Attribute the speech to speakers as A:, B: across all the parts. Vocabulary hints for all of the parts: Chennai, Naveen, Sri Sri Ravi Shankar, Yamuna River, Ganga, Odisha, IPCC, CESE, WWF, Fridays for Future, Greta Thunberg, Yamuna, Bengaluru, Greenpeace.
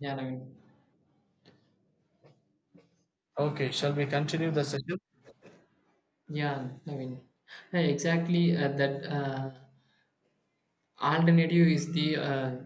A: Yeah, Naveen.
B: Okay, shall we continue the session?
A: Yeah, Naveen. Hey, exactly. That alternative is the uh,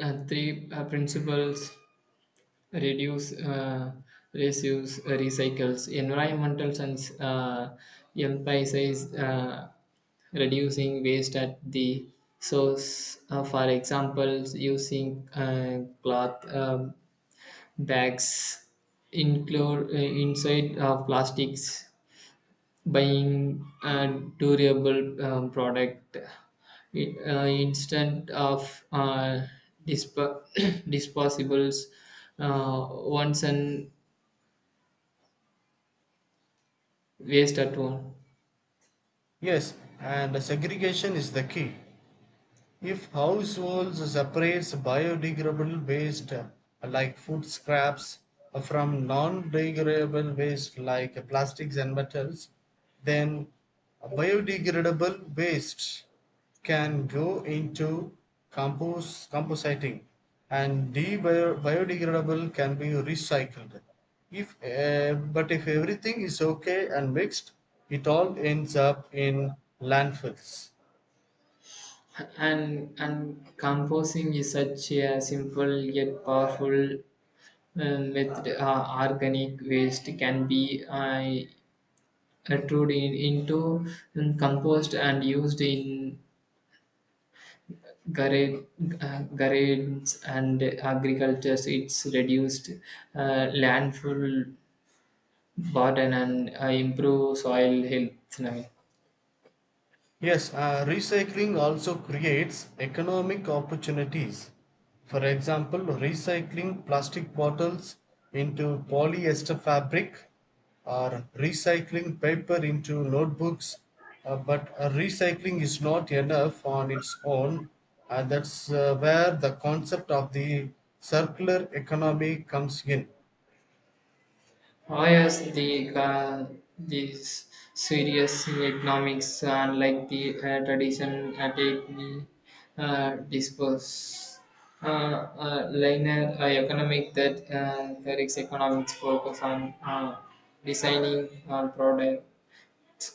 A: uh, three principles: reduce, reuse, recycles. Environmental sense emphasizes reducing waste at the source. For example, using cloth bags include inside of plastics buying a durable product instead of disp- disposables once and waste at one
B: Yes, and segregation is the key. If households separate biodegradable waste like food scraps from non degradable waste like plastics and metals, then biodegradable waste can go into compost compositing, and the biodegradable can be recycled if but if everything is okay and mixed, it all ends up in landfills.
A: and composing is such a simple yet powerful method. Organic waste can be turned into compost and used in garage, garages and agriculture. It's reduced landfill burden and improve soil health. I mean,
B: Yes, recycling also creates economic opportunities. For example, recycling plastic bottles into polyester fabric or recycling paper into notebooks. But recycling is not enough on its own, and that's where the concept of the circular economy comes in.
A: whereas these serious economics, unlike the tradition take the disperse uh, linear economic, that there is economics focus on designing on product.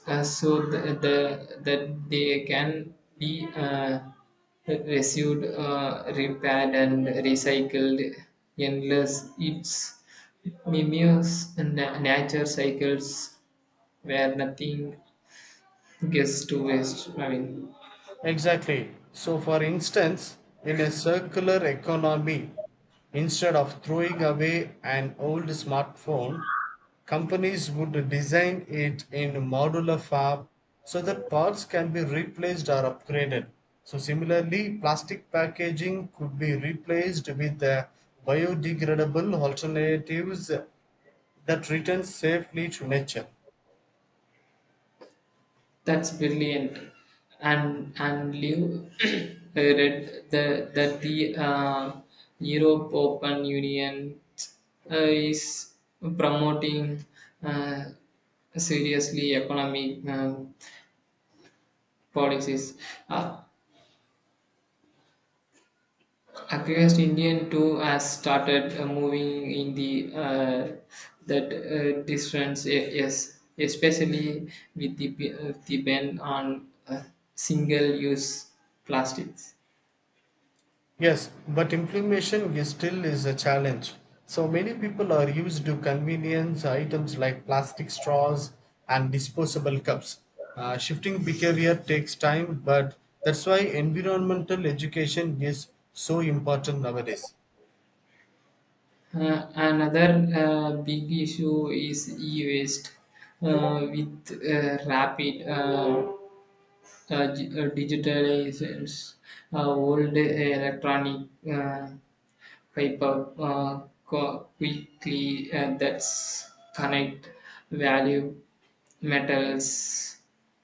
A: That they can be received, repaired, and recycled, unless it's mimics nature cycles where nothing gets to waste.
B: Exactly. So, for instance, in a circular economy, instead of throwing away an old smartphone, companies would design it in modular fab so that parts can be replaced or upgraded. So, similarly, plastic packaging could be replaced with biodegradable alternatives that return safely to nature.
A: That's brilliant. And Liu, I read that the Europe Open Union uh, is promoting uh, seriously economic policies. Uh, activist Indian too has started moving in the that distance. Yes, especially with the ban on single-use plastics.
B: Yes, but implementation is still is a challenge. So many people are used to convenience items like plastic straws and disposable cups. Shifting behavior takes time, but that's why environmental education is so important nowadays.
A: Another big issue is e-waste with rapid digitalizations, old electronic paper quickly that's connect value metals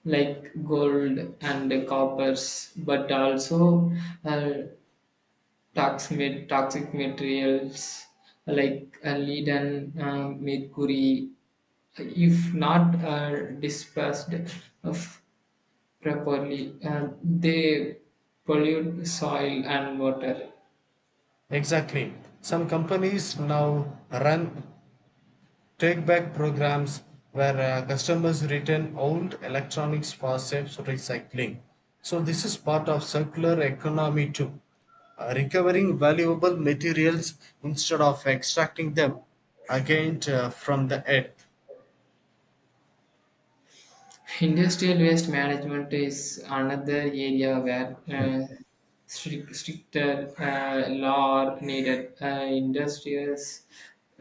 A: like gold and coppers, but also uh, toxic materials like lead and mercury, if not dispersed of properly, they pollute soil and water.
B: Exactly. Some companies now run take back programs where customers return old electronics for safe recycling. So, this is part of circular economy too. Recovering valuable materials instead of extracting them again from the earth.
A: Industrial waste management is another area where stricter law are needed. Industrials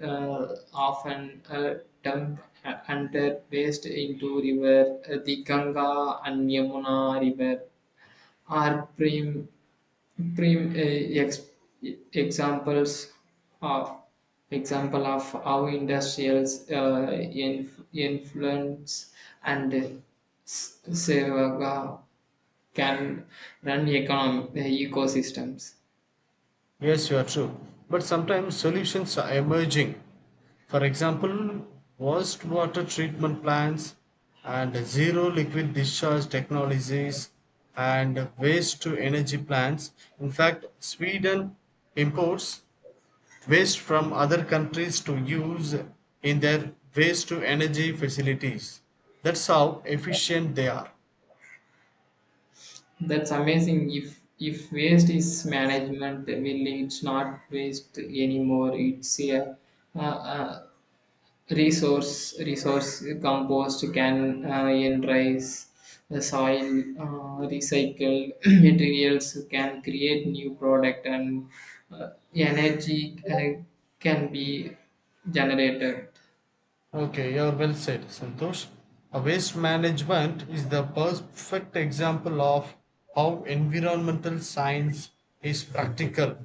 A: often dump under waste into river. The Ganga and Yamuna river are prim, Prime examples of of how industrials influence and seva can run economic ecosystems.
B: Yes, you are true. But sometimes solutions are emerging. For example, wastewater treatment plants and zero liquid discharge technologies and waste to energy plants. In fact, Sweden imports waste from other countries to use in their waste to energy facilities. That's how efficient they are.
A: That's amazing. If waste is management, well, it's not waste anymore. It's a uh, uh, resource. Compost can enrich the soil. Recycled materials can create new product, and energy can be generated.
B: Okay, you're well said, Santosh. A waste management is the perfect example of how environmental science is practical,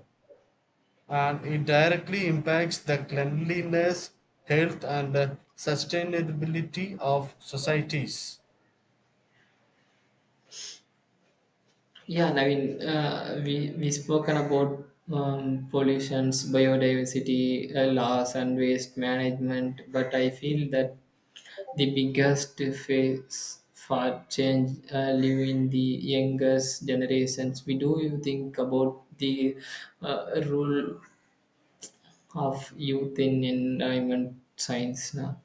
B: and it directly impacts the cleanliness, health, and sustainability of societies.
A: Yeah, Naveen, we spoken about pollutions, biodiversity loss, and waste management, but I feel that the biggest face for change live in the youngest generations. We do you think about the role of youth in environment science now?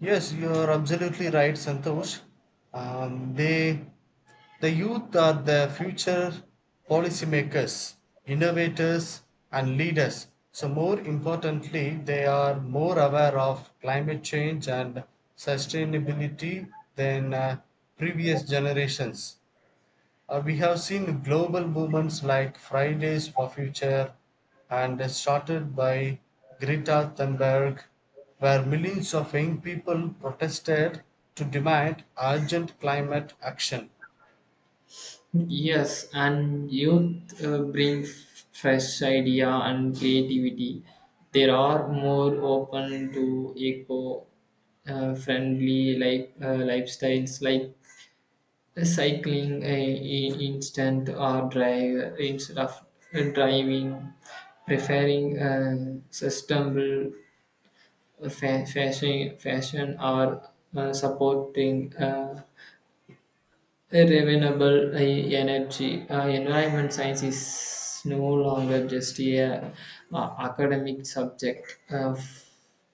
B: Yes, you are absolutely right, Santosh. Um, they, the youth are the future policymakers, innovators, and leaders. So, more importantly, they are more aware of climate change and sustainability than previous generations. We have seen global movements like Fridays for Future and started by Greta Thunberg, where millions of young people protested to demand urgent climate action.
A: Yes, and youth bring fresh idea and creativity. They are more open to eco friendly like lifestyles like cycling a instant or drive instead of driving, preferring a sustainable fashion or supporting renewable energy. Environment science is no longer just a academic subject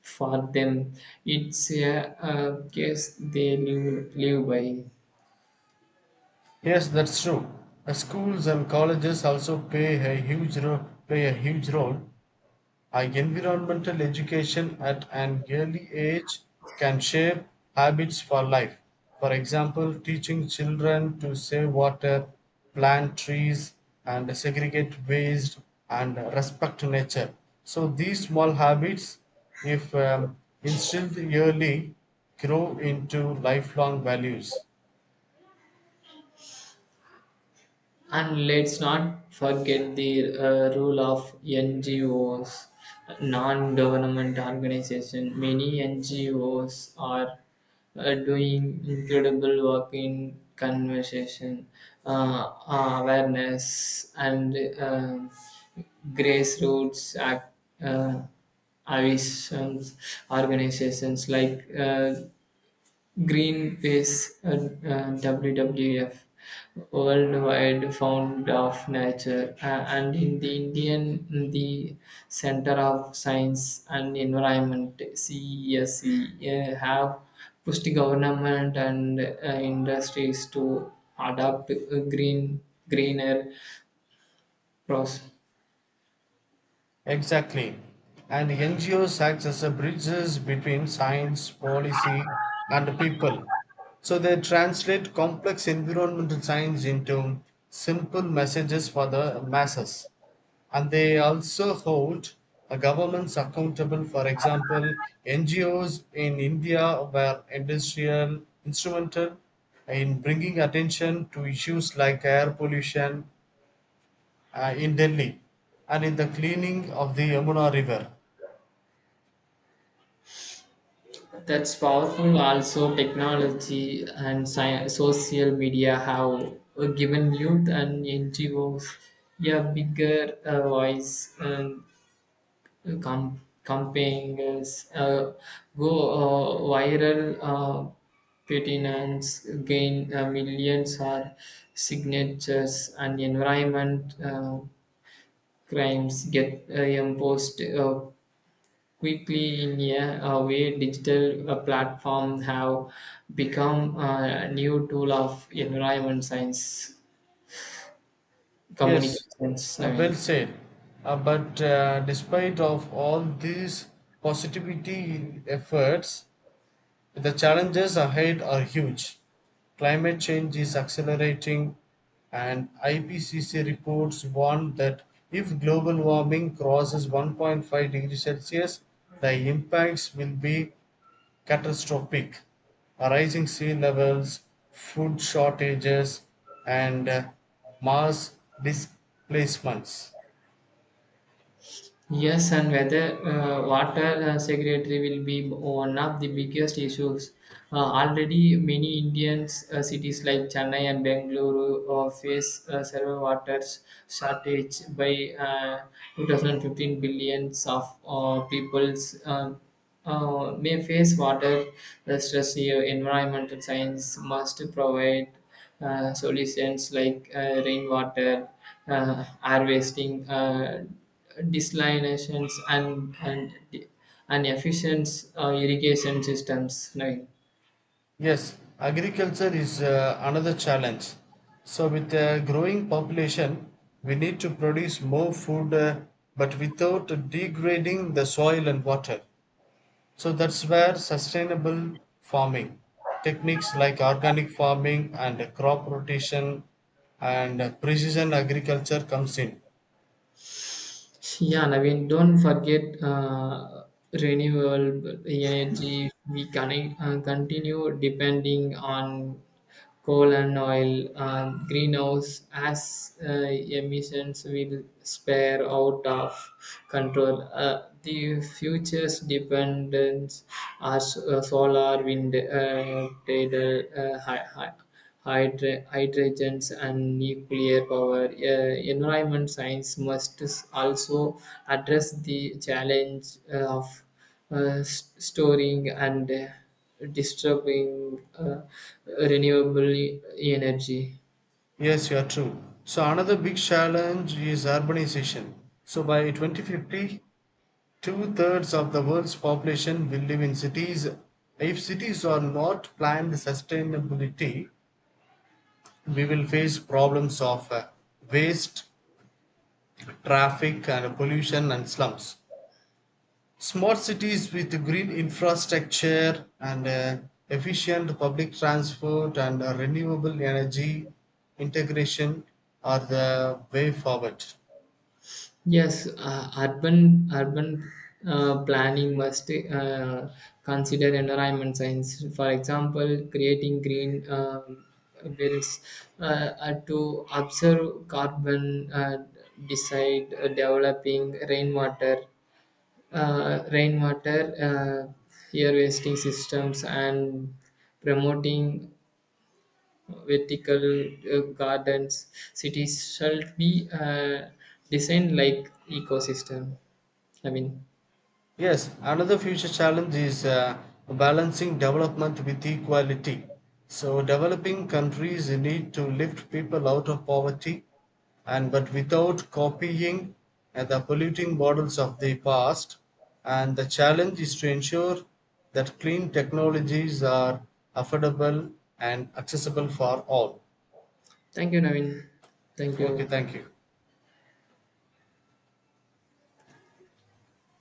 A: for them. It's a case they live by.
B: Yes, that's true. Schools and colleges also play a huge play a huge role. Environmental education at an early age can shape habits for life. For example, teaching children to save water, plant trees, and segregate waste and respect nature. So, these small habits, if instilled early, grow into lifelong values.
A: And let's not forget the role of NGOs, non-government organization. Many NGOs are doing incredible work in conversation, awareness, and grassroots uh, avisions. Organizations like Greenpeace and WWF, Worldwide Fund of Nature, and in the Indian the Center of Science and Environment, CESE, have pushed government and industries to adopt greener process.
B: Exactly. And NGOs act as a bridges between science, policy, and the people. So they translate complex environmental science into simple messages for the masses. And they also hold governments accountable. For example, NGOs in India were industrial instrumental in bringing attention to issues like air pollution in Delhi and in the cleaning of the Yamuna River.
A: That's powerful. Also, technology and social media have given youth and NGOs a bigger voice, and campaigns go viral. Petitions gain millions or signatures, and environment crimes get imposed quickly. In a way digital platforms have become a new tool of environment science
B: Yes,
A: communications.
B: well said. But despite of all these positivity efforts, the challenges ahead are huge. Climate change is accelerating, and IPCC reports warn that if global warming crosses 1.5 degrees Celsius, the impacts will be catastrophic: rising sea levels, food shortages, and mass displacements.
A: Yes, and whether water security will be one of the biggest issues. Already, many Indian cities like Chennai and Bengaluru face several water shortage by 2015. Billions of peoples, may face water stress here. Environmental science must provide solutions like rainwater, harvesting, desalinations, and efficient irrigation systems, Naveen.
B: Yes, agriculture is another challenge. So, with a growing population, we need to produce more food, but without degrading the soil and water. So, that's where sustainable farming techniques like organic farming and crop rotation and precision agriculture comes in.
A: Yeah, Naveen, don't forget renewable energy. We can continue depending on coal and oil, greenhouse as emissions will spare out of control. The future's dependence are solar, wind, tidal, hydrogens, and nuclear power. Environment science must also address the challenge of storing and disturbing uh, renewable energy.
B: Yes, you are true. So another big challenge is urbanization. So by 2050, two-thirds of the world's population will live in cities. If cities are not planned sustainability, we will face problems of waste, traffic, and pollution and slums. Smart cities with green infrastructure and efficient public transport and renewable energy integration are the way forward.
A: Yes, urban planning must consider environment science. For example, creating green bills, to observe carbon, decide developing rainwater air wasting systems, and promoting vertical gardens. Cities should be designed like ecosystem. i mean
B: Yes, another future challenge is balancing development with equality. So, developing countries need to lift people out of poverty, and but without copying the polluting models of the past. And the challenge is to ensure that clean technologies are affordable and accessible for all.
A: Thank you, Navin. Thank you.
B: Okay, thank you.